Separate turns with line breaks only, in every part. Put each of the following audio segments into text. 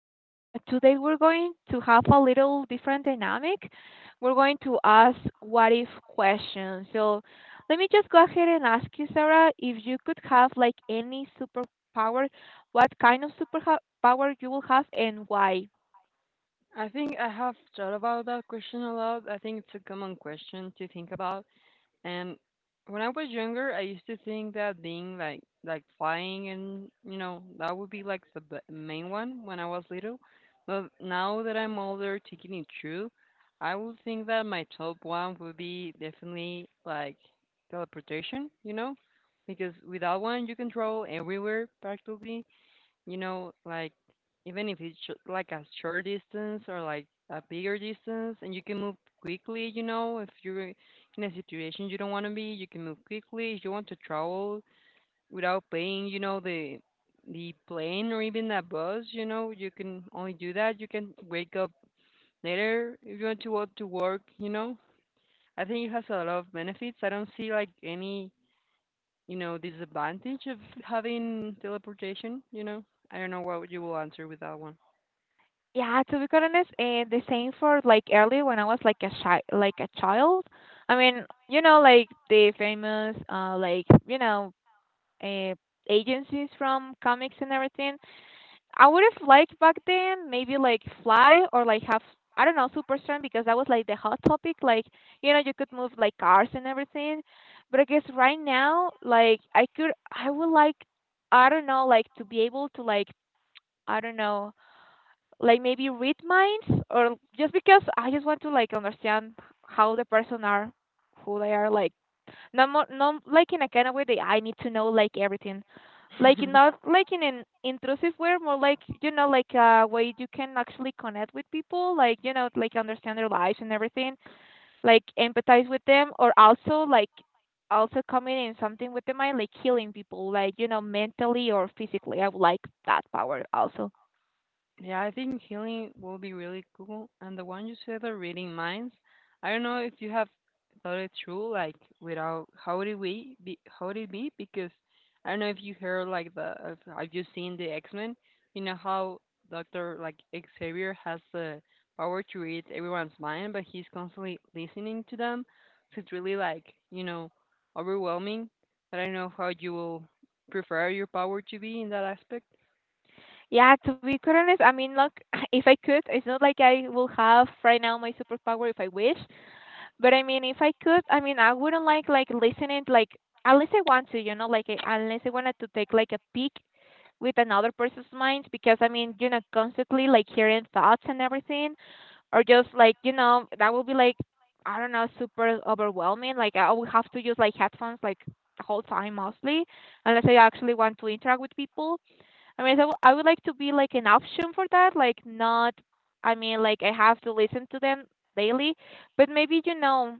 and Sarah. Today we're going to have a little different dynamic. We're going to ask what if questions. Let me just go ahead and ask you, Sarah, if you could have like any superpower, what kind of superpower you will have and why?
I think I have thought about that question a lot. I think it's a common question to think about. And when I was younger, I used to think that being like flying and you know that would be like the main one when I was little. But now that I'm older, taking it true, I would think that my top one would be definitely like teleportation. You know, because with that one you control everywhere practically you know, like even if it's like a short distance or like a bigger distance, and you can move quickly, you know, if you're in a situation you don't want to be, you can move quickly. If you want to travel without paying, you know, the plane or even the bus, you know, you can only do that. You can wake up later if you want to go to work, you know. I think it has a lot of benefits. I don't see like any, you know, disadvantage of having teleportation, you know. I don't know what you will answer with that one.
Yeah, to be quite honest, and the same for like earlier when I was like like a child. I mean, you know, like the famous like, uh, agencies from comics and everything, I would have liked back then, maybe like fly or like have, I don't know, super strength, because that was like the hot topic. Like, you know, you could move like cars and everything, but I guess right now, like I could, I would like, I don't know, like to be able to like, I don't know, like maybe read minds, or just because I just want to like understand how the person are, who they are, like not more, not like in a kind of way that I need to know like everything. Like in, not like in an intrusive way, more like, you know, like a way you can actually connect with people, like, you know, like understand their lives and everything, like empathize with them, or also like also coming in something with the mind, like healing people, like, you know, mentally or physically. I would like that power also.
Yeah, I think healing will be really cool. And the one you said, the reading minds, I don't know if you have thought it through, like without how would it be, how would it be? Because I don't know if you heard like the if, have you seen the X Men? You know how Doctor like Xavier has the power to read everyone's mind, but he's constantly listening to them. So it's really like you know overwhelming. But I don't know how you will prefer your power to be in that aspect.
Yeah, to be quite honest, I mean, look, if I could, it's not like I will have right now my superpower if I wish. But I mean, if I could, I mean, I wouldn't like listening, like unless I want to, you know, like unless I wanted to take like a peek with another person's mind, because I mean, you know, constantly like hearing thoughts and everything, or just like, you know, that would be like, I don't know, super overwhelming. Like I would have to use like headphones like the whole time mostly, unless I actually want to interact with people. I mean, so I would like to be like an option for that, like not. I mean, like I have to listen to them daily, but maybe, you know,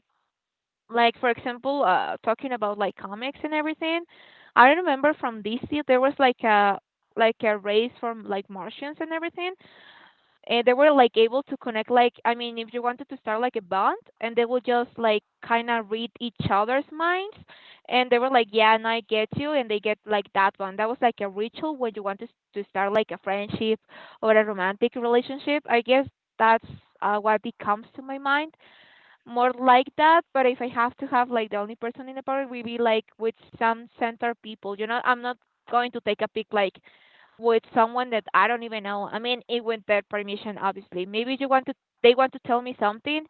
like for example, talking about like comics and everything, I remember from DC there was like a race from like Martians and everything, and they were like able to connect, like, I mean, if you wanted to start like a bond, and they would just like kind of read each other's minds, and they were like, yeah, and I get you, and they get like that one, that was like a ritual when you wanted to start like a friendship or a romantic relationship, I guess. That's What it comes to my mind, more like that. But if I have to have like the only person in the party, we be like with some center people. You know, I'm not going to take a pic like with someone that I don't even know. I mean, it with their permission, obviously. Maybe you want to, they want to tell me something,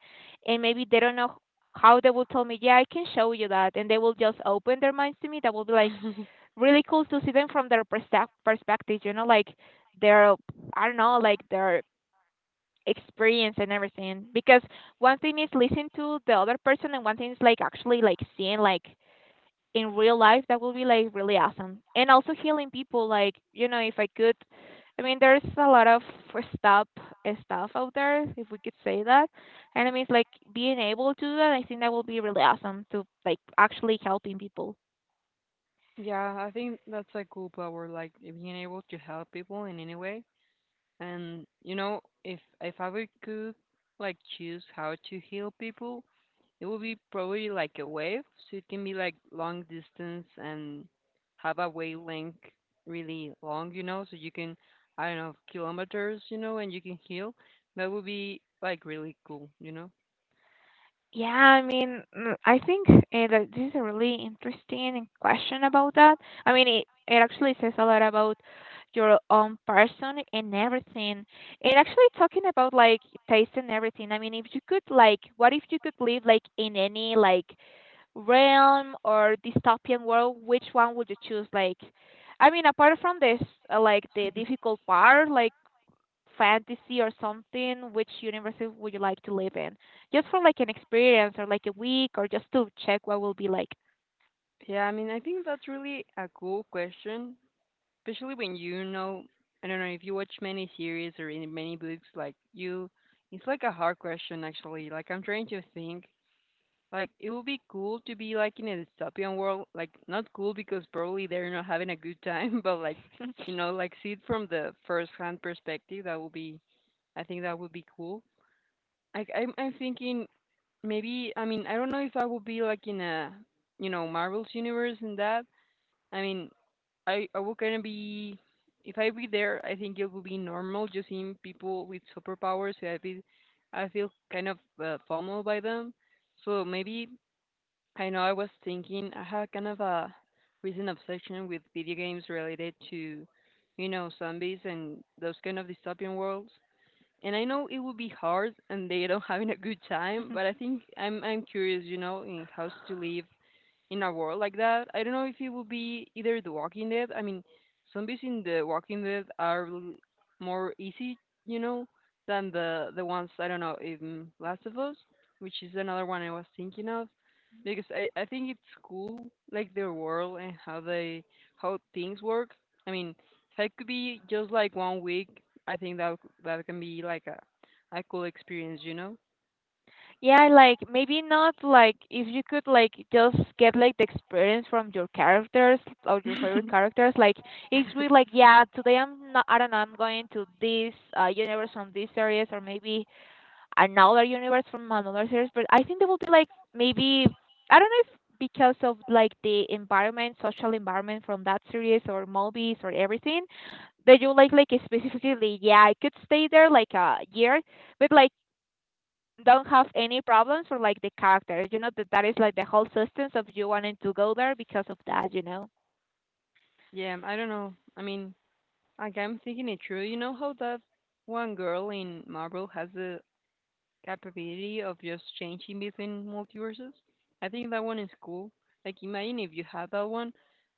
and maybe they don't know how they will tell me. Yeah, I can show you that, and they will just open their minds to me. That will be like really cool to see them from their perspective. You know, like their, I don't know, like their experience and everything, because one thing is listen to the other person, and one thing is like actually like seeing like in real life, that will be like really awesome. And also healing people, like, you know, if I could, I mean, there's a lot of stuff stuff out there, if we could say that. And I mean, it's like being able to do that, I think that will be really awesome to like actually helping people.
Yeah, I think that's a cool power, like being able to help people in any way. And you know, if I would could like choose how to heal people, it would be probably like a wave, so it can be like long distance and have a wavelength really long, you know, so you can I don't know kilometers, you know, and you can heal. That would be like really cool, you know.
Yeah, I mean, I think that this is a really interesting question about that. I mean, it actually says a lot about your own person and everything. And actually talking about like taste and everything. I mean, if you could like, what if you could live like in any like realm or dystopian world, which one would you choose? Like, I mean, apart from this, like the difficult part, like fantasy or something, which universe would you like to live in? Just for like an experience or like a week or just to check what will be like.
Yeah, I mean, I think that's really a cool question. Especially when you know I don't know if you watch many series or in many books like you it's like a hard question actually. Like I'm trying to think, like it would be cool to be like in a dystopian world, like not cool because probably they're not having a good time, but like you know like see it from the first hand perspective. That would be, I think that would be cool. Like I'm thinking maybe, I mean I don't know if I would be like in a you know Marvel's universe and that. I mean, I will gonna be if I be there, I think it will be normal just seeing people with superpowers. So I be I feel kind of FOMO by them. So maybe I know I was thinking I had kind of a recent obsession with video games related to, you know, zombies and those kind of dystopian worlds. And I know it would be hard and they don't having a good time, but I think I'm curious, you know, in how to live in a world like that. I don't know if it would be either The Walking Dead. I mean, zombies in The Walking Dead are more easy, you know, than the ones I don't know in Last of Us, which is another one I was thinking of, because I think it's cool like their world and how they how things work. I mean, if I could be just like one week, I think that that can be like a cool experience, you know.
Yeah, like maybe not, like if you could like just get like the experience from your characters or your favorite characters, like it's really like, yeah, today I'm not, I don't know, I'm going to this universe from this series, or maybe another universe from another series, but I think they will be like maybe, I don't know, if because of like the environment, social environment from that series or movies or everything, that you like specifically, yeah, I could stay there like a year, but like don't have any problems for like the characters. You know that that is like the whole substance of you wanting to go there because of that. You know.
Yeah, I don't know. I mean, like I'm thinking it through. You know how that one girl in Marvel has the capability of just changing between multiverses? I think that one is cool. Like imagine if you had that one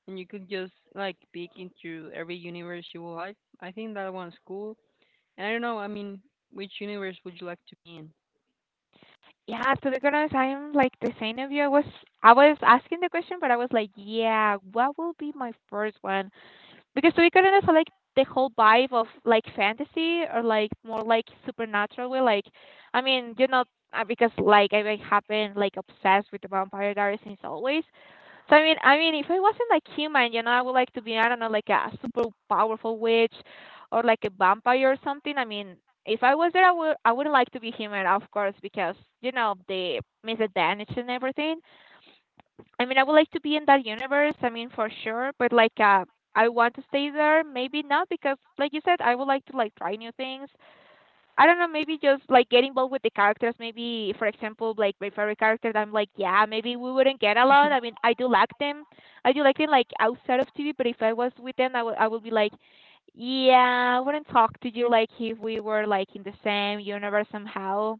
and you could just like peek into every universe you would like. I think that one's cool. And I don't know, I mean, which universe would you like to be
Yeah, to be honest, I'm like the same of you. I was asking the question, but I was like, yeah, what will be my first one? Because Suikoden is like the whole vibe of like fantasy or like more like supernatural way. Like, I mean, you know, because like I like, have been like obsessed with the Vampire Diaries since always. I mean, if I wasn't like human, you know, I would like to be, I don't know, like a super powerful witch or like a vampire or something. I mean, if I was there, I would like to be human, of course, because you know the misadvantage and everything. I mean, I would like to be in that universe. I mean, for sure. But like, I want to stay there. Maybe not, because like you said, I would like to like try new things. I don't know. Maybe just like get involved with the characters. Maybe, for example, like my favorite character, that I'm like, yeah, maybe we wouldn't get along.
in?
I mean, I do like them. I do like them like outside of TV. But if I was with them, I would be like, yeah, I wouldn't talk to you, like if we were like in the same universe somehow.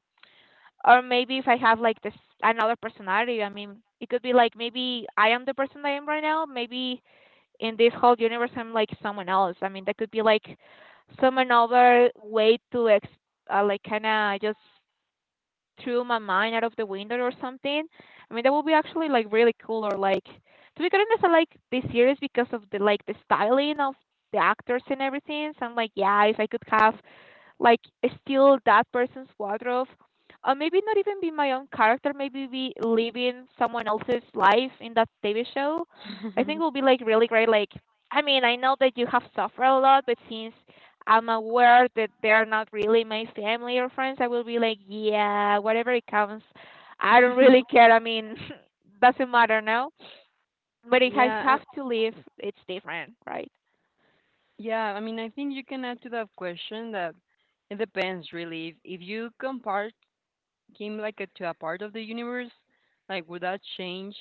Or maybe if I have like this another personality, I mean, it could be like maybe I am the person I am right now. Maybe in this whole universe, I'm like someone else. I mean, that could be like some another way to like kind of just throw my mind out of the window or something. I mean, that would be actually like really cool. Or like, to be honest, I like this series because of the like the styling of the actors and everything. So I'm like, yeah, if I could have like steal that person's wardrobe, or maybe not even be my own character, maybe be living someone else's life in that TV show, I think will be like really great. Like, I mean, I know that you have suffered a lot, but since I'm aware that they're not really my family or friends, I will be like, yeah, whatever it comes, I don't really care. I mean, doesn't matter now. But if I
Yeah, I,
have to leave, it's different, right?
yeah, I mean, I think you can add to that question that it depends really. If you compare came like a, to a part of the universe, like would that change?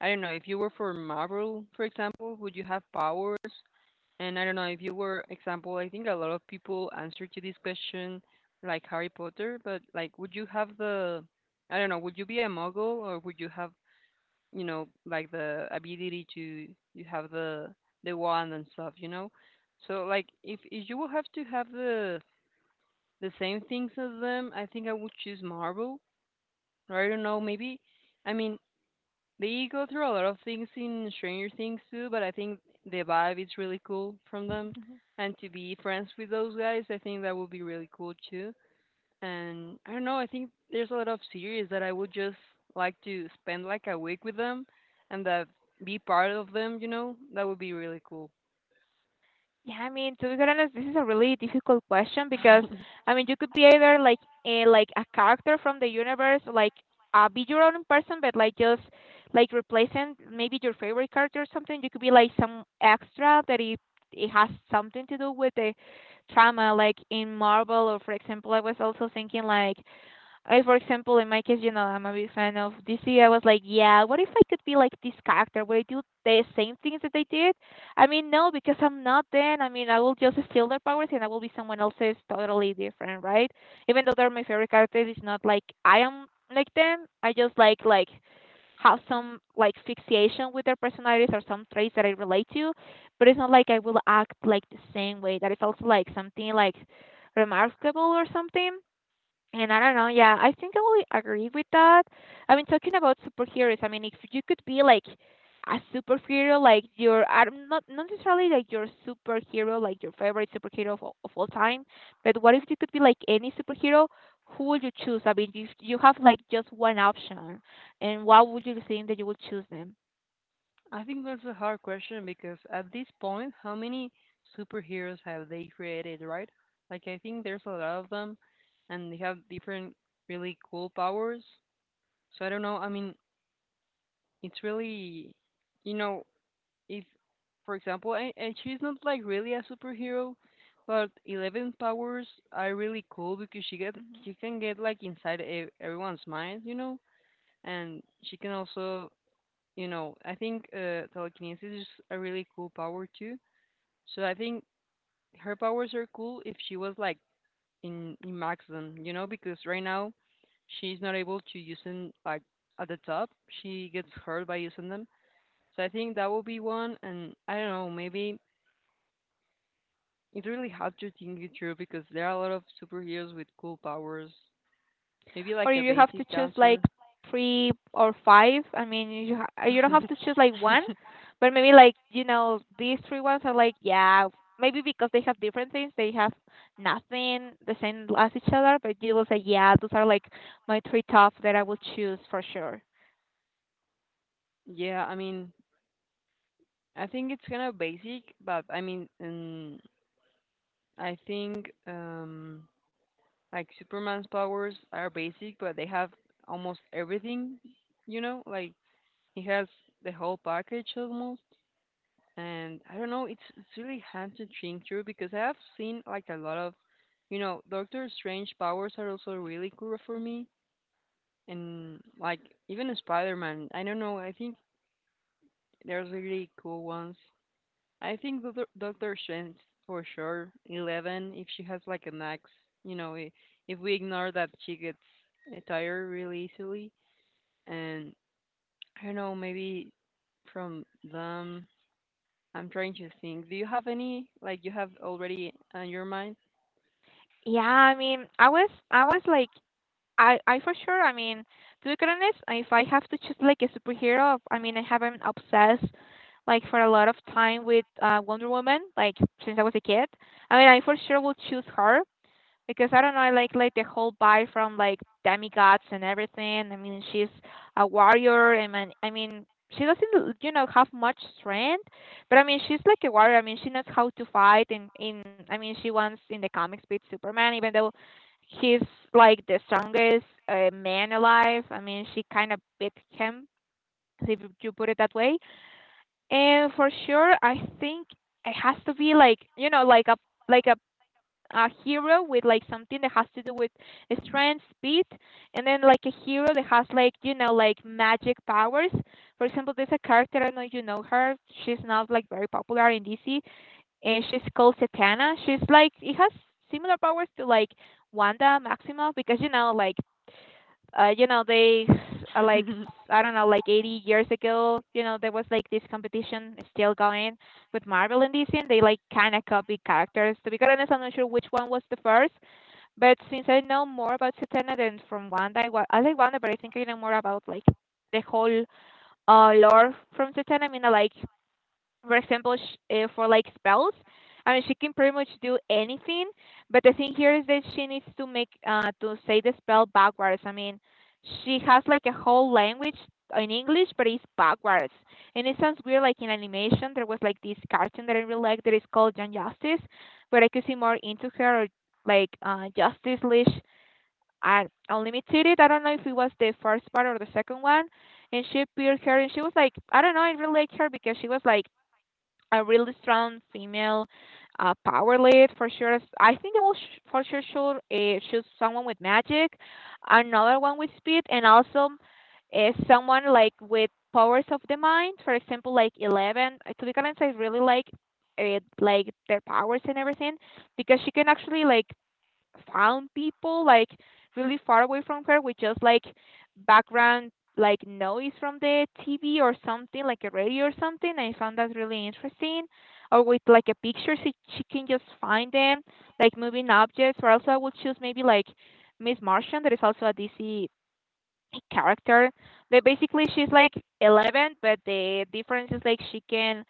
I don't know. If you were for Marvel, for example, would you have powers? And I don't know if you were example. I think a lot of people answer to this question like Harry Potter, but like, would you have the? I don't know. Would you be a muggle or would you have you know like the ability to you have the wand and stuff? You know. So like if you will have to have the same things as them, I think I would choose Marvel, I don't know, maybe. I mean, they go through a lot of things in Stranger Things too, but I think the vibe is really cool from them. And to be friends with those guys, I think that would be really cool too. And I don't know, I think there's a lot of series that I would just like to spend like a week with them and that be part of them, you know? That would be really cool.
Yeah, I mean, to be quite honest, this is a really difficult question, because, I mean, you could be either like like a character from the universe, like be your own person, but like just like replacing maybe your favorite character or something. You could be like some extra that it has something to do with the trauma, like in Marvel, or for example, I was also thinking, like I, for example, in my case, you know, I'm a big fan of DC. I was like, yeah, what if I could be like this character? Would I do the same things that they did? I mean, no, because I'm not then. I mean, I will just steal their powers and I will be someone else's totally different, right? Even though they're my favorite characters, it's not like I am like them. I just like, have some like fixation with their personalities or some traits that I relate to, but it's not like I will act like the same way. That is also like something like remarkable or something. And I don't know, yeah, I think I will agree with that. I mean, talking about superheroes, I mean, if you could be like a superhero, like your, I'm not necessarily like your superhero, like your favorite superhero of all time, but what if you could be like any superhero? Who would you choose? I mean, if you have like just one option, and what would you think that you would choose them?
I think that's a hard question because at this point, how many superheroes have they created, right? Like, I think there's a lot of them and they have different really cool powers. So I don't know. I mean, it's really, you know, if, for example, and she's not like really a superhero, but Eleven's powers are really cool because she can get like inside everyone's mind, you know, and she can also you know, I think telekinesis is a really cool power too. So I think her powers are cool if she was like in maximum, you know, because right now she's not able to use them like at the top. She gets hurt by using them. So I think that will be one. And I don't know, maybe it's really hard to think it through because there are a lot of superheroes with cool powers. Maybe
Or
like a
you have to
basic
choose like
answer.
three or five. I mean, you don't have to choose like one, but maybe like you know these three ones are like yeah maybe because they have different things they have nothing the same as each other, but you will say yeah those are like my three top that I will choose for sure.
Yeah, I mean, I think it's kind of basic, but I mean, I think like Superman's powers are basic, but they have almost everything. You know, like he has the whole package almost. And I don't know, it's really hard to think through because I have seen like a lot of, you know, Doctor Strange powers are also really cool for
Mhm.
me, and like even Spider-Man. I don't know, I think there's really cool ones. I think Doctor Strange for sure. Eleven, if she has like an axe, you know, if we ignore that, she gets tired really easily. And I don't know, maybe from them. I'm trying to think. Do you have any like you have already on your mind?
Yeah, I mean, I was like I for sure. I mean, to be quite honest, if I have to choose like a superhero, I mean, I have been obsessed like for a lot of time with Wonder Woman, like since I was a kid. I mean, I for sure will choose her because I don't know, I like the whole vibe from like demigods and everything. I mean, she's a warrior, and I mean, she doesn't you know have much strength, but I mean, she's like a warrior. I mean, she knows how to fight, and in I mean, she wants in the comics beat Superman, even though he's like the strongest man alive. I mean, she kind of beat him, if you put it that way. And for sure, I think it has to be like you know like a hero with like something that has to do with strength, speed, and then like a hero that has like you know like magic powers. For example, there's a character I don't know if you know her. She's not like very popular in DC, and she's called Satana. She's like it has similar powers to like Wanda Maximoff because you know like you know, they s- like s- I don't know, like 80 years ago, you know, there was like this competition is still going with Marvel and DC, and they like kind of copied characters. To be quite honest, I'm not sure which one was the first, but since I know more about Satana than from Wanda, I like Wanda, but I think I know more about like the whole lore from Satana. I mean, I like for example, sh for like spells. I mean, she can pretty much do anything, but the thing here is that she needs to make to say the spell backwards. I mean, she has like a whole language in English, but it's backwards, and it sounds weird. Like in animation, there was like this cartoon that I really like that is called Young Justice, where I could see more into her, or like Justice League uh, Unlimited. I don't know if it was the first part or the second one, and she appeared here, and she was like, I don't know, I really like her because she was like a really strong female power lead for sure. I think they will for sure should choose someone with magic, another one with speed, and also someone like with powers of the mind. For example, like 11. To be honest, I really like their powers and everything because she can actually like found people like really far away from her with just like background like noise from the TV or something like a radio or something. I found that really interesting. Or with like a picture, she can just find them like moving objects. Or also I would choose maybe like Miss Martian, that is also a DC character that basically she's like 11, but the difference is like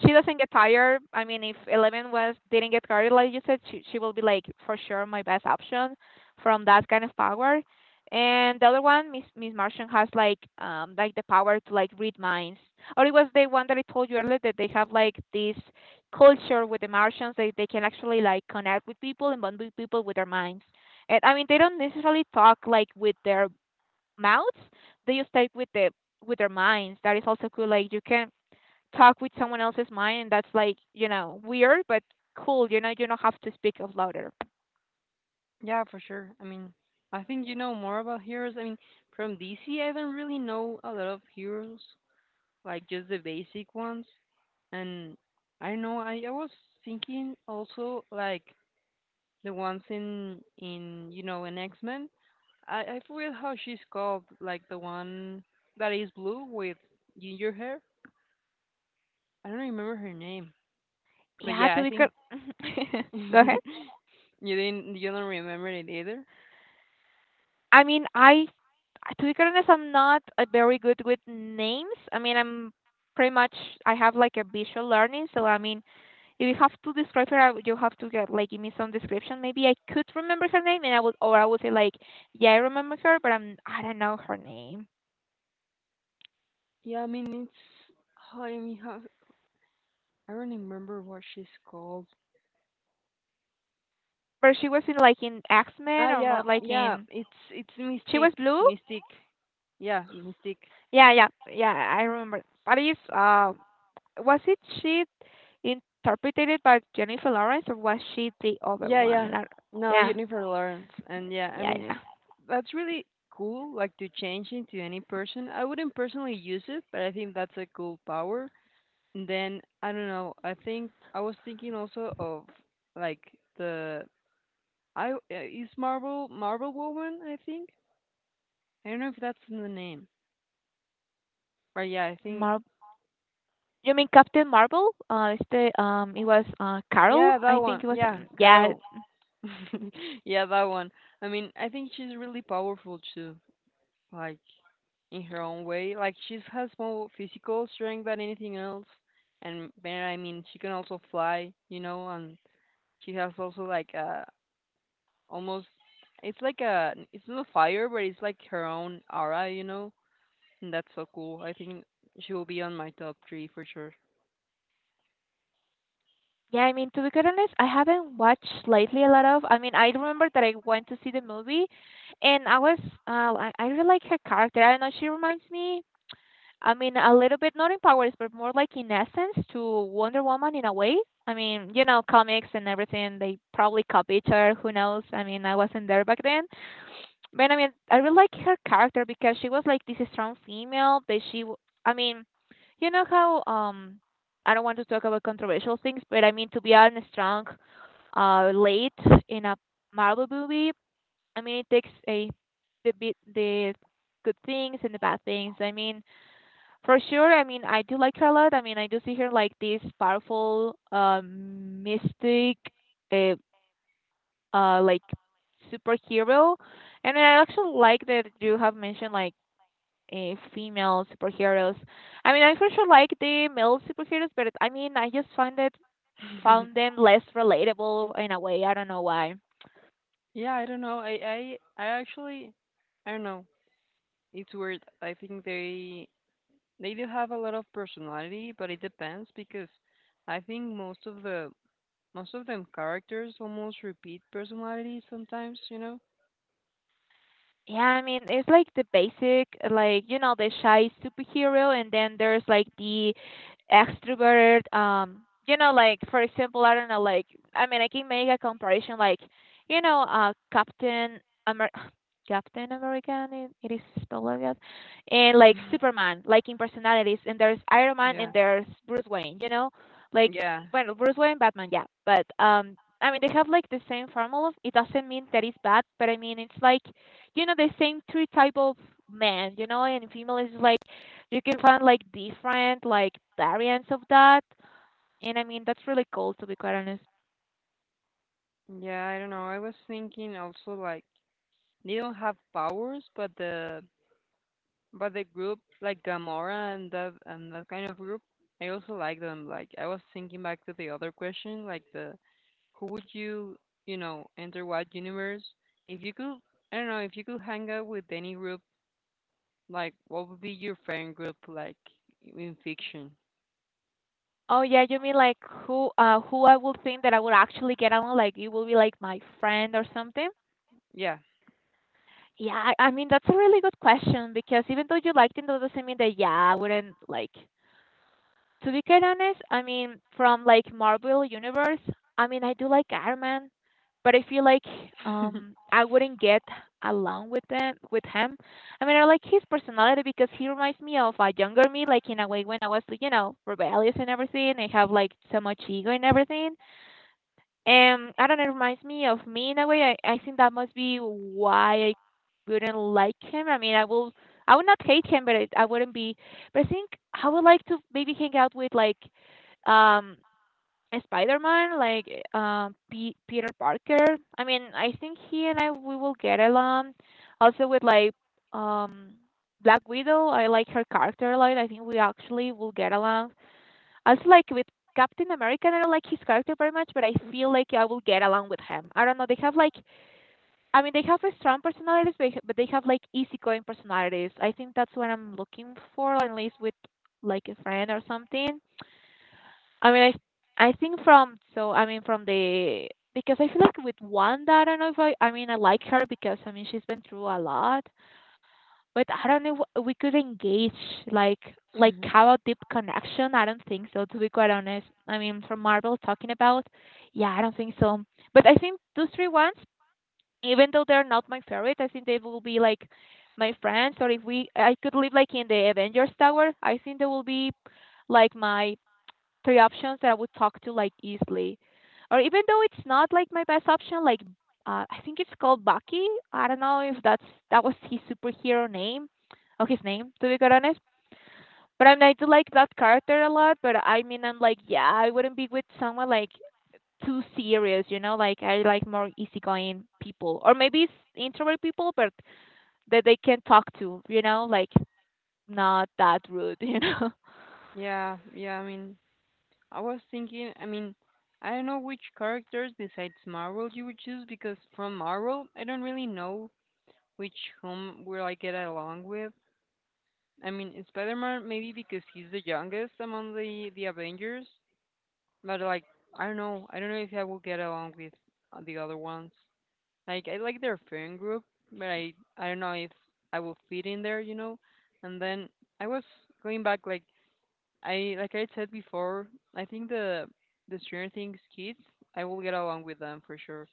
she doesn't get tired. I mean, if 11 was didn't get tired like you said, she will be like for sure my best option from that kind of power. And the other one, miss Martian has like the power to like read minds, or it was the one that I told you earlier that they have like this culture with the Martians. They can actually like connect with people and bond with people with their minds, and I mean, they don't necessarily talk like with their mouths, they just type with the with their minds. That is also cool. Like you can talk with someone else's mind, and that's like you know weird, but cool. You know you don't have to speak out louder.
Yeah, for sure. I mean, I think you know more about heroes. I mean, from DC, I don't really know a lot of heroes, like just the basic ones. And I don't know I was thinking also like the ones in you know in X Men. I forget how she's called, like the one that is blue with ginger hair. I don't remember her name, but
Yeah,
yeah,
to
I
be
think
cor- Go ahead.
you didn't you don't remember it either.
I mean, I to be honest, I'm not very good with names. I mean, I'm pretty much I have like a visual learning, so I mean, if you have to describe her, you have to get like give me some description. Maybe I could remember her name, and I would say like, yeah, I remember her, but I don't know her name.
Yeah, I mean it's oh, I mean how I don't remember what she's called.
But she was in like in X
Ah
Men or more
yeah
like
yeah
in
it's
she was
Mystique.
blue.
Mystique, yeah, Mystique.
Yeah, yeah, yeah. I remember. But is was it she interpreted by Jennifer Lawrence or was she the other
Yeah,
one?
yeah. No,
Yeah,
Jennifer Lawrence. And yeah, I
yeah,
mean,
yeah.
that's really cool, like to change into any person. I wouldn't personally use it, but I think that's a cool power. And then, I don't know, I think I was thinking also of like the I is Marvel Woman, I think. I don't know if that's in the name. But yeah, I think
Mar- you mean Captain Marvel? It's the it was Carol.
yeah, that
I
one.
think it was.
Yeah,
Yeah,
Carol. Yeah, that one. I mean, I think she's really powerful too. Like, in her own way. Like she has more physical strength than anything else, and then I mean she can also fly, you know, and she has also like a almost it's like a it's not fire, but it's like her own aura, you know, and that's so cool. I think she will be on my top three for sure.
yeah. I mean to be quite honest, I haven't watched lately a lot of. I mean, I remember that I went to see the movie, and I was I really like her character. I don't know. She reminds me. I mean, a little bit not in powers, but more like in essence to Wonder Woman in a way. I mean, you know, comics and everything, they probably copy each other. Who knows? I mean, I wasn't there back then. But I mean, I really like her character because she was like this strong female I mean, you know how, I don't want to talk about controversial things, but I mean, to be a strong, late in a Marvel movie, I mean, it takes a, the good things and the bad things. I mean, for sure, I mean, I do like her a lot. I mean, I do see her like this powerful, mystic, uh, like superhero, and I actually like that you have mentioned like female superheroes. I mean, I for sure like the male superheroes, but I mean, I just find it found them less relatable in a way. I don't know why.
Yeah, I don't know. I actually I don't know. It's weird. I think they do have a lot of personality, but it depends because I think most of the most of them characters almost repeat personalities sometimes, you know?
Yeah, I mean, it's like the basic, like, you know, the shy superhero, and then there's like the extrovert, you know, like, for example, I don't know, like, I mean, I can make a comparison, like, you know, Captain Amer Captain American, it is spelled like that, and like Superman, like in personalities, and there's Iron Man and
Yeah.
there's Bruce Wayne, you know, like,
Yeah.
well, Bruce Wayne, Batman, yeah, but, I mean, they have like the same formula. It doesn't mean that it's bad, but I mean, it's like, you know, the same three type of men, you know, and female is like you can find like different like variants of that, and I mean, that's really cool, to be quite honest.
Yeah, I don't know. I was thinking also like they don't have powers, but the group like Gamora and that kind of group, I also like them. Like I was thinking back to the other question, like the who would you you know enter what universe if you could. I don't know if you could hang out with any group, like what would be your friend group like in fiction?
Oh yeah, you mean like who I would think that I would actually get along, like it will be like my friend or something?
Yeah.
Yeah, I mean that's a really good question because even though you liked him that doesn't mean that yeah I wouldn't like. To be quite honest, I mean, from like Marvel Universe, I mean, I do like Iron Man, but I feel like I wouldn't get along with them with him. I mean, I like his personality because he reminds me of a younger me, like in a way when I was, you know, rebellious and everything, and have like so much ego and everything. And I don't know, it reminds me of me in a way. I think that must be why I wouldn't like him. I mean, I will, I would not hate him, but I wouldn't be. But I think I would like to maybe hang out with like, um, a Spider-Man, like Peter Parker. I mean, I think he and I we will get along. Also with like, um, Black Widow. I like her character a lot. I think we actually will get along also, like with Captain America. I don't like his character very much, but I feel like I will get along with him. I don't know. They have like, I mean, they have a strong personalities, but they have like easygoing personalities. I think that's what I'm looking for, at least with like a friend or something. I mean, I think from so I mean from the because I feel like with Wanda, I don't know if I like her because I mean she's been through a lot, but I don't know we could engage like like have a deep connection. I don't think so, to be quite honest. I mean, from Marvel talking about, yeah, I don't think so. But I think those three ones, even though they're not my favorite, I think they will be like my friends. Or if we, I could live like in the Avengers Tower. I think they will be like my three options that I would talk to like easily. Or even though it's not like my best option, like I think it's called Bucky. I don't know if that's that was his superhero name or his name, to be quite honest. But I mean I do like that character a lot, but I mean I'm like, yeah, I wouldn't be with someone like too serious, you know, like I like more easygoing people. Or maybe it's introvert people but that they can talk to, you know, like not that rude, you know.
Yeah, yeah, I mean, I was thinking, I mean, I don't know which characters besides Marvel you would choose because from Marvel, I don't really know which whom will I get along with. I mean, Spider-Man maybe because he's the youngest among the Avengers, but like I don't know if I will get along with the other ones. Like I like their friend group, but I don't know if I will fit in there, you know. And then I was going back like I said before, I think the Stranger Things kids, I will get along with them for sure.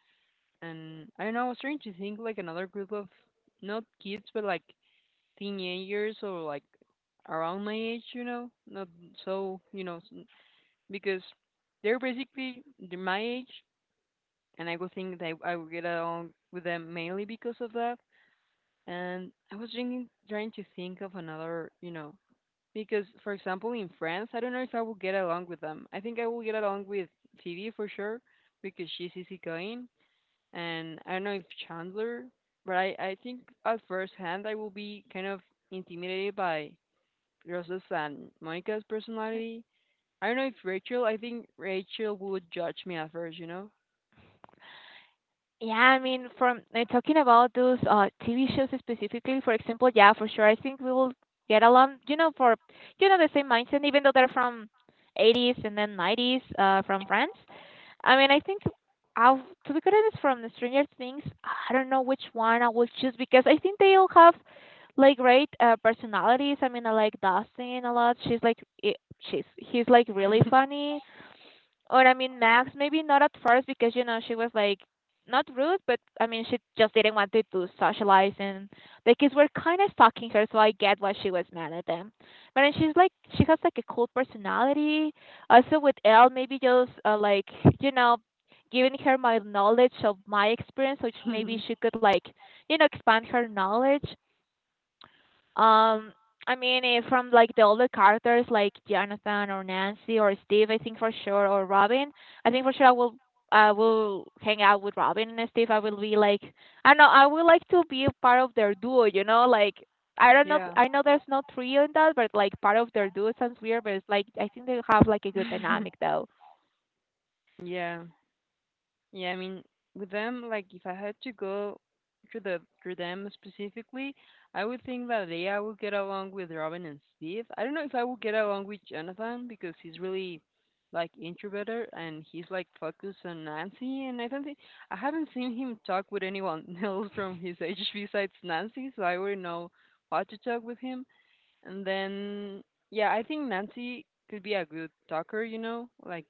And I don't know, I was trying to think like another group of not kids but like teenagers or like around my age, you know, not so because they're basically they're my age, and I would think that I would get along with them mainly because of that. And I was thinking, trying to think of another, you know, because, for example, in France, I don't know if I will get along with them. I think I will get along with Phoebe for sure because she's easygoing, and I don't know if Chandler, but I think at first hand I will be kind of intimidated by Rosa's and Monica's personality. I don't know if Rachel, I think Rachel would judge me at first, you know?
Yeah, I mean, from talking about those TV shows specifically, for example, yeah, for sure, I think we will get along. You know, for you know the same mindset, even though they're from 80's and then 90's, from France. I mean, I think I'll, to be honest, from the Stranger Things, I don't know which one I will choose because I think they all have like great personalities. I mean, I like Dustin a lot. She's like I she's He's like really funny. Or I mean, Max, maybe not at first because you know she was like not rude, but I mean she just didn't want to, socialize, and the kids were kind of stalking her, so I get why she was mad at them. But then she has like a cool personality. Also with Elle, maybe just like you know, giving her my knowledge of my experience, which maybe she could like you know expand her knowledge. Um, I mean, if from like the older characters like Jonathan or Nancy or Steve, I think for sure, or Robin, I think for sure I will hang out with Robin and Steve. I will be like, I don't know, I would like to be a part of their duo, you know, like I don't know,
Yeah.
I know there's no trio in that, but like part of their duo sounds weird, but it's like I think they have like a good dynamic though.
Yeah. Yeah, I mean, with them, like if I had to go through the through them specifically, I would think that Leia would get along with Robin and Steve. I don't know if I would get along with Jonathan because he's really like introverted and he's like focused on Nancy, and I don't think I haven't seen him talk with anyone else from his age besides Nancy, so I wouldn't know how to talk with him. And then yeah, I think Nancy could be a good talker, you know? Like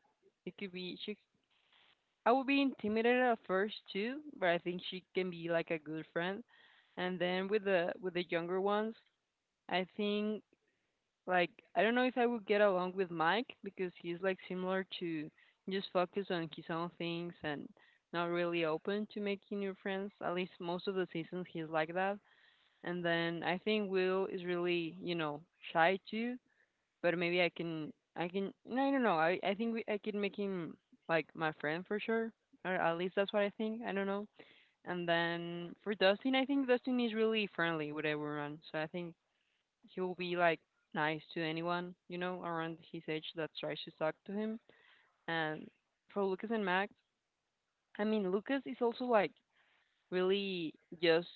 it could be she I would be intimidated at first too, but I think she can be like a good friend. And then with the younger ones, I think like I don't know if I would get along with Mike because he's like similar to just focus on his own things and not really open to making new friends. At least most of the seasons he's like that. And then I think Will is really, you know, shy too. But maybe I can, I don't know. I think I can make him like my friend for sure. Or at least that's what I think. I don't know. And then for Dustin, I think Dustin is really friendly with everyone. So I think he'll be like nice to anyone, you know, around his age that tries to talk to him. And for Lucas and Max, I mean, Lucas is also like really just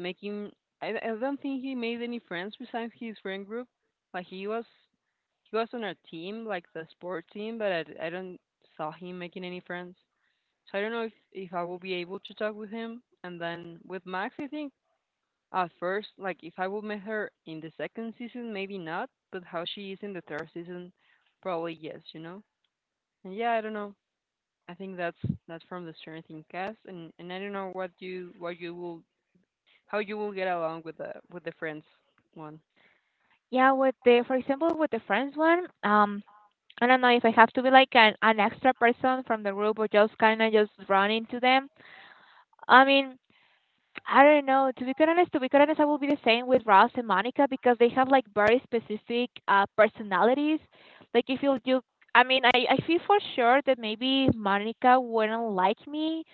making. I don't think he made any friends besides his friend group. Like he was on our team, like the sport team, but I don't saw him making any friends. So I don't know if I will be able to talk with him. And then with Max, I think at first, like if I will meet her in the second season, maybe not. But how she is in the third season, probably yes, you know. And yeah, I don't know. I think that's from the Stranger Things cast, and I don't know what you will how you will get along with the friends one.
Yeah, with the, for example, with the friends one, I don't know if I have to be like an extra person from the group or just kind of just run into them. I mean, I don't know. To be quite honest, I will be the same with Ross and Monica because they have like very specific personalities. Like I feel you, I feel for sure that maybe Monica wouldn't like me,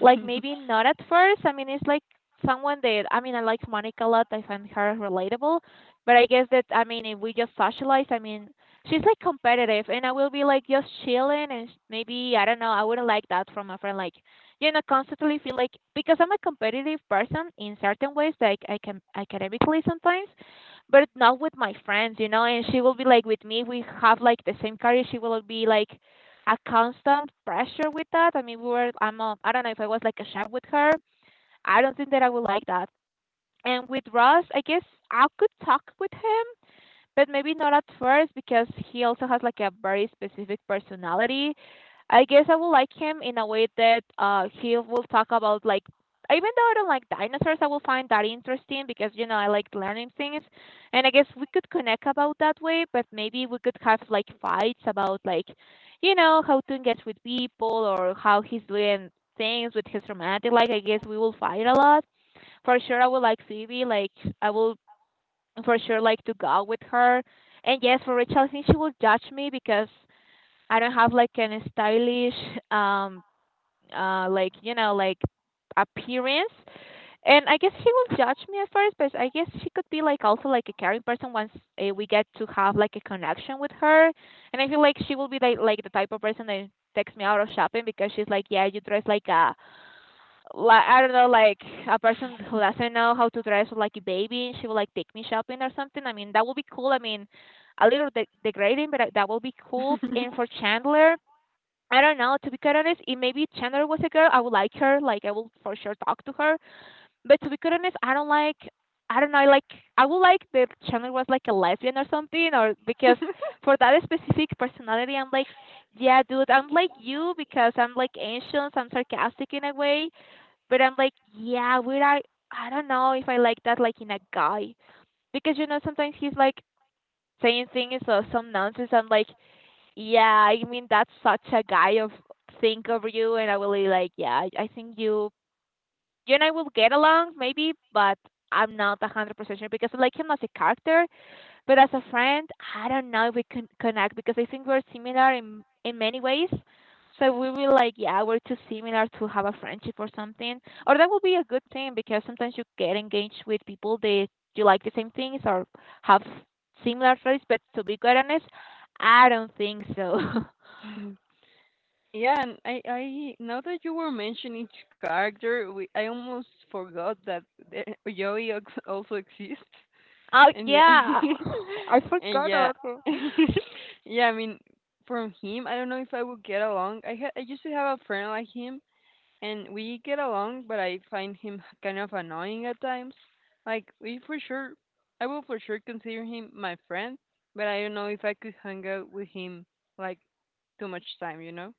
like maybe not at first. I mean, it's like someone that, I mean, I like Monica a lot. I find her relatable, but I guess that, I mean, if we just socialize, I mean, she's like competitive, and I will be like just chilling, and maybe I don't know. I wouldn't like that from a friend. Like you know, constantly feel like because I'm a competitive person in certain ways, like I can academically sometimes, but not with my friends, you know. And she will be like with me. We have like the same career. She will be like a constant pressure with that. I mean, I'm a, I don't know if I was like a chef with her. I don't think that I would like that. And with Ross, I guess I could talk with him, but maybe not at first because he also has like a very specific personality. I guess I will like him in a way that he will talk about like even though I don't like dinosaurs, I will find that interesting because you know I like learning things, and I guess we could connect about that way. But maybe we could have like fights about like, you know, how to engage with people or how he's doing things with his romantic life. I guess we will fight a lot for sure. I will like Phoebe. Like I will for sure like to go with her. And yes, for Rachel, I think she will judge me because I don't have like an stylish um like you know like appearance. And I guess she will judge me at first, but I guess she could be like also like a caring person once we get to have like a connection with her. And I feel like she will be like the type of person that texts me out of shopping because she's like, yeah, you dress like a, like I don't know, like a person who doesn't know how to dress like a baby, she would like take me shopping or something. I mean, that would be cool. I mean, a little degrading, but that would be cool. And for Chandler, I don't know. To be quite honest, if maybe Chandler was a girl, I would like her. Like I will for sure talk to her. But to be quite honest, I don't like. I don't know. I Like I would like that Chandler was like a lesbian or something, or because for that specific personality, I'm like, yeah, dude, I'm like you because I'm like ancient, I'm sarcastic in a way, but I'm like, yeah, would I? I don't know if I like that, like in a guy, because you know sometimes he's like saying things or some nonsense. I'm like, yeah, I mean that's such a guy of think of you, and I will be like, yeah, I think you and I will get along maybe, but I'm not 100% sure because I like him as a character, but as a friend, I don't know if we can connect because I think we're similar in many ways. So we will like, yeah, we're too similar to have a friendship or something. Or that would be a good thing because sometimes you get engaged with people that you like the same things or have similar traits. But to be quite honest, I don't think so.
Yeah, and I now that you were mentioning each character, I almost forgot that the, Joey also exists.
Oh
And yeah,
yeah, I
and
forgot
yeah,
about him.
yeah. I mean, from him, I don't know if I would get along. I used to have a friend like him, and we get along, but I find him kind of annoying at times. Like I will for sure consider him my friend, but I don't know if I could hang out with him like too much time, you know.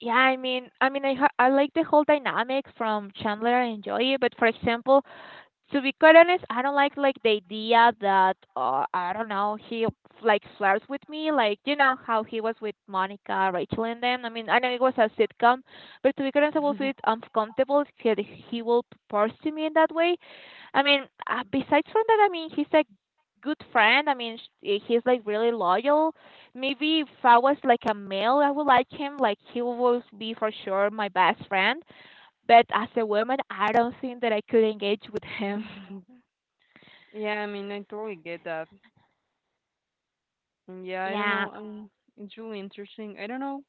Yeah, I mean, I like the whole dynamic from Chandler and Joey, but for example, to be quite honest, I don't like the idea that I don't know he like flirts with me, like you know how he was with Monica, Rachel, and them. I mean, I know it was a sitcom, but to be quite honest, I will feel uncomfortable that he will propose to me in that way. I mean, besides from that, I mean, he's a good friend. I mean, he's like really loyal. Maybe if I was like a male, I would like him. Like he would be for sure my best friend. But as a woman, I don't think that I could engage with him.
Yeah, I mean, I totally get that. And yeah, I don't
Yeah,
know. It's really interesting. I don't know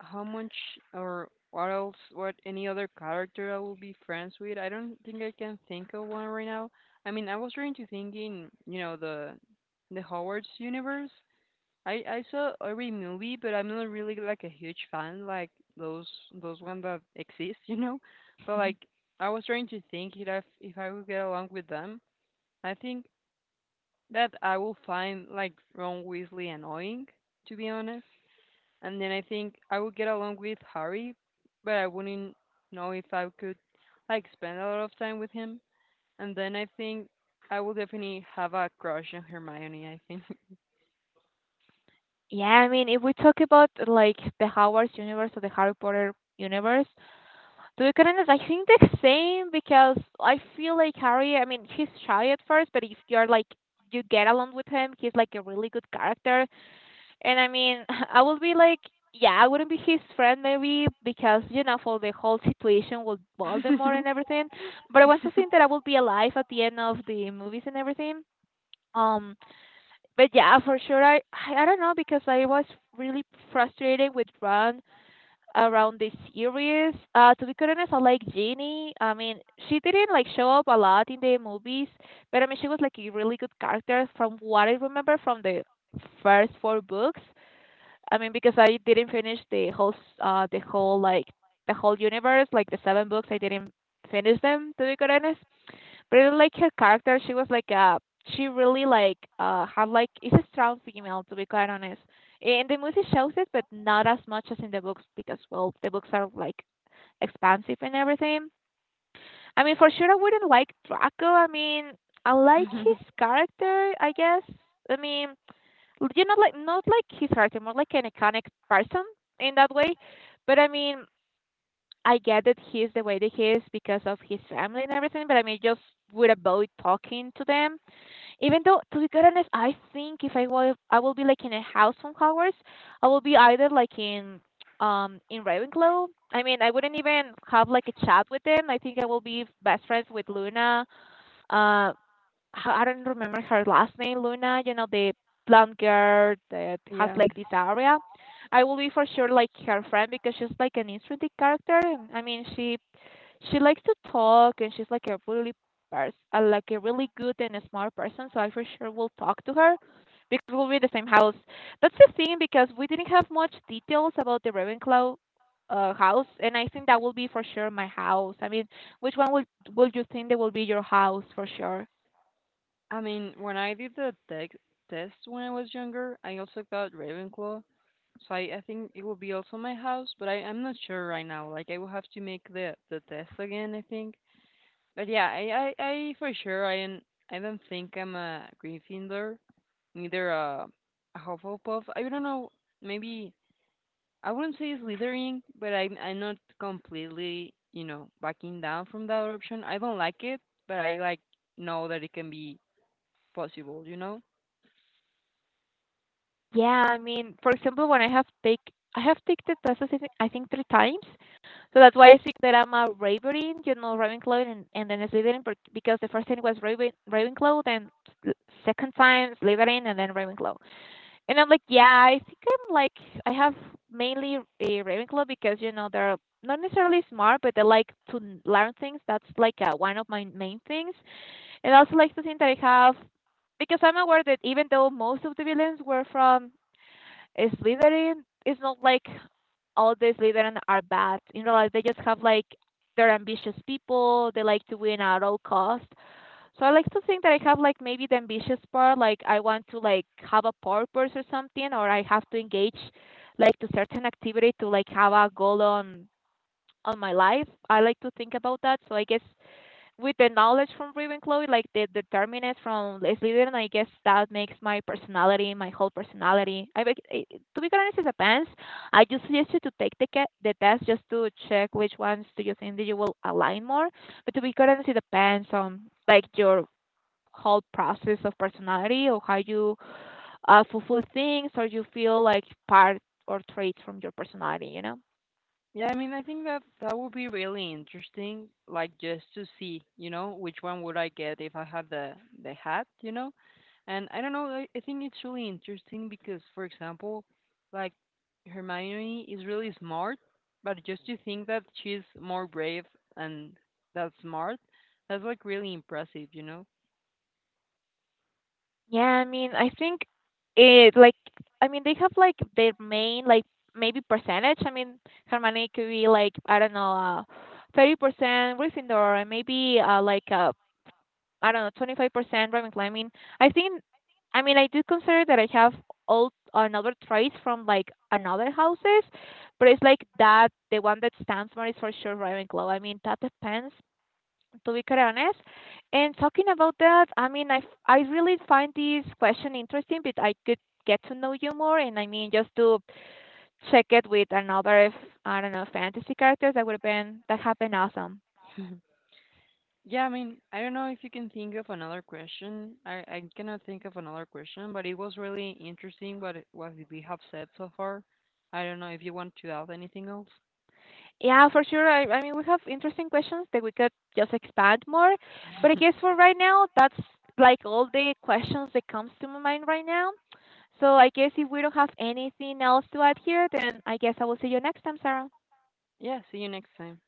how much or what else, what any other character I will be friends with. I don't think I can think of one right now. I mean, I was trying to think in, you know, the Howard's universe. I saw every movie, but I'm not really like a huge fan like those those ones that exist, you know. But like, I was trying to think if I would get along with them. I think that I will find like Ron Weasley annoying, to be honest. And then I think I would get along with Harry, but I wouldn't know if I could like spend a lot of time with him. And then I think I will definitely have a crush on Hermione, I think.
yeah. I mean, if we talk about like the Hogwarts universe or the Harry Potter universe, to be quite honest, I think the same because I feel like Harry. I mean, he's shy at first, but if you're like you get along with him, he's like a really good character. And I mean, I would be like, yeah, I wouldn't be his friend maybe because you know for the whole situation with Voldemort and everything. But I want to think that I will be alive at the end of the movies and everything. Um. But yeah, for sure. I don't know because I was really frustrated with Ron around this series. To be quite honest, I like Jeannie. I mean, she didn't like show up a lot in the movies, but I mean, she was like a really good character from what I remember from the first 4 books. I mean, because I didn't finish the whole the whole like the whole universe, like the 7 books, I didn't finish them. To be honest, really like her character. She really had like is a strong female, to be quite honest. And the movie shows it, but not as much as in the books because well the books are like expansive and everything. I mean for sure I wouldn't like Draco. I mean I like his character, I guess. I mean you know like not like his character, more like an iconic person in that way. But I mean, I get that he's the way that he is because of his family and everything, but I mean, just would avoid talking to them even though, to be quite honest, I think if I will, I will be like in a house from Hogwarts. I will be either in Ravenclaw. I mean, I wouldn't even have like a chat with them. I think I will be best friends with Luna. Uh, I don't remember her last name, Luna. You know, the blonde girl that has
Yeah.
like this area. I will be for sure like her friend because she's like an interesting character. And I mean, she likes to talk, and she's like a really like a really good and a smart person, so I for sure will talk to her because we'll be in the same house. That's the thing, because we didn't have much details about the Ravenclaw house, and I think that will be for sure my house. I mean, which one will you think that will be your house for sure?
I mean, when I did the tech test when I was younger, I also got Ravenclaw. So I think it will be also my house, but I'm not sure right now. Like I will have to make the test again, I think. But yeah, I for sure I don't. I don't think I'm a Gryffindor, neither a Hufflepuff. I don't know, maybe I wouldn't say Slytherin, but I'm not completely, you know, backing down from that option. I don't like it, but I like know that it can be possible. You know.
Yeah, I mean, for example, when I have taken the test, I think three times. So that's why I think that I'm a Raverin, you know, Ravenclaw, and then Slytherin, but- because the first time was Ravenclaw, then s- second time Slytherin, and then Ravenclaw. And I'm like, yeah, I think I'm like, I have mainly a Ravenclaw because, you know, they're not necessarily smart, but they like to learn things. That's like one of my main things. And I also like to think that I have, because I'm aware that even though most of the villains were from is Slytherin, it's not like all the Slytherin are bad. You know, like they just have like they're ambitious people. They like to win at all cost. So I like to think that I have like maybe the ambitious part. Like I want to like have a purpose or something, or I have to engage like to certain activity to like have a goal on my life. I like to think about that. So I guess with the knowledge from Ravenclaw, like the determinants from Slytherin, I guess that makes my personality, my whole personality. I, bec- I To be honest, as a fans, I just suggest you to take the the test just to check which ones do you think that you will align more. But to be honest, it depends on like your whole process of personality, or how you fulfill things, or you feel like part or traits from your personality. You know?
Yeah, I mean, I think that that would be really interesting, like just to see, you know, which one would I get if I had the hat, you know? And I don't know, I think it's really interesting because, for example, like Hermione is really smart, but just to think that she's more brave and that smart, that's like really impressive, you know?
Yeah, I mean, I think it like, I mean, they have like their main like maybe percentage. I mean, Hermione could be like I don't know, 30% Gryffindor, and maybe I don't know, 25% Ravenclaw. I mean, I think, I mean, I do consider that I have all another traits from like another houses, but it's like that the one that stands more is for sure Ravenclaw. I mean, that depends, to be quite honest. And talking about that, I mean, I really find this question interesting, but I could get to know you more. And I mean, just to check it with another, I don't know, fantasy characters that that have been awesome.
Yeah, I mean, I don't know if you can think of another question. I cannot think of another question, but it was really interesting what what we have said so far. I don't know if you want to add anything else.
Yeah, for sure. I mean, we have interesting questions that we could just expand more. But I guess for right now, that's like all the questions that comes to my mind right now. So I guess if we don't have anything else to add here, then I guess I will see you next time, Sarah.
Yeah, see you next time.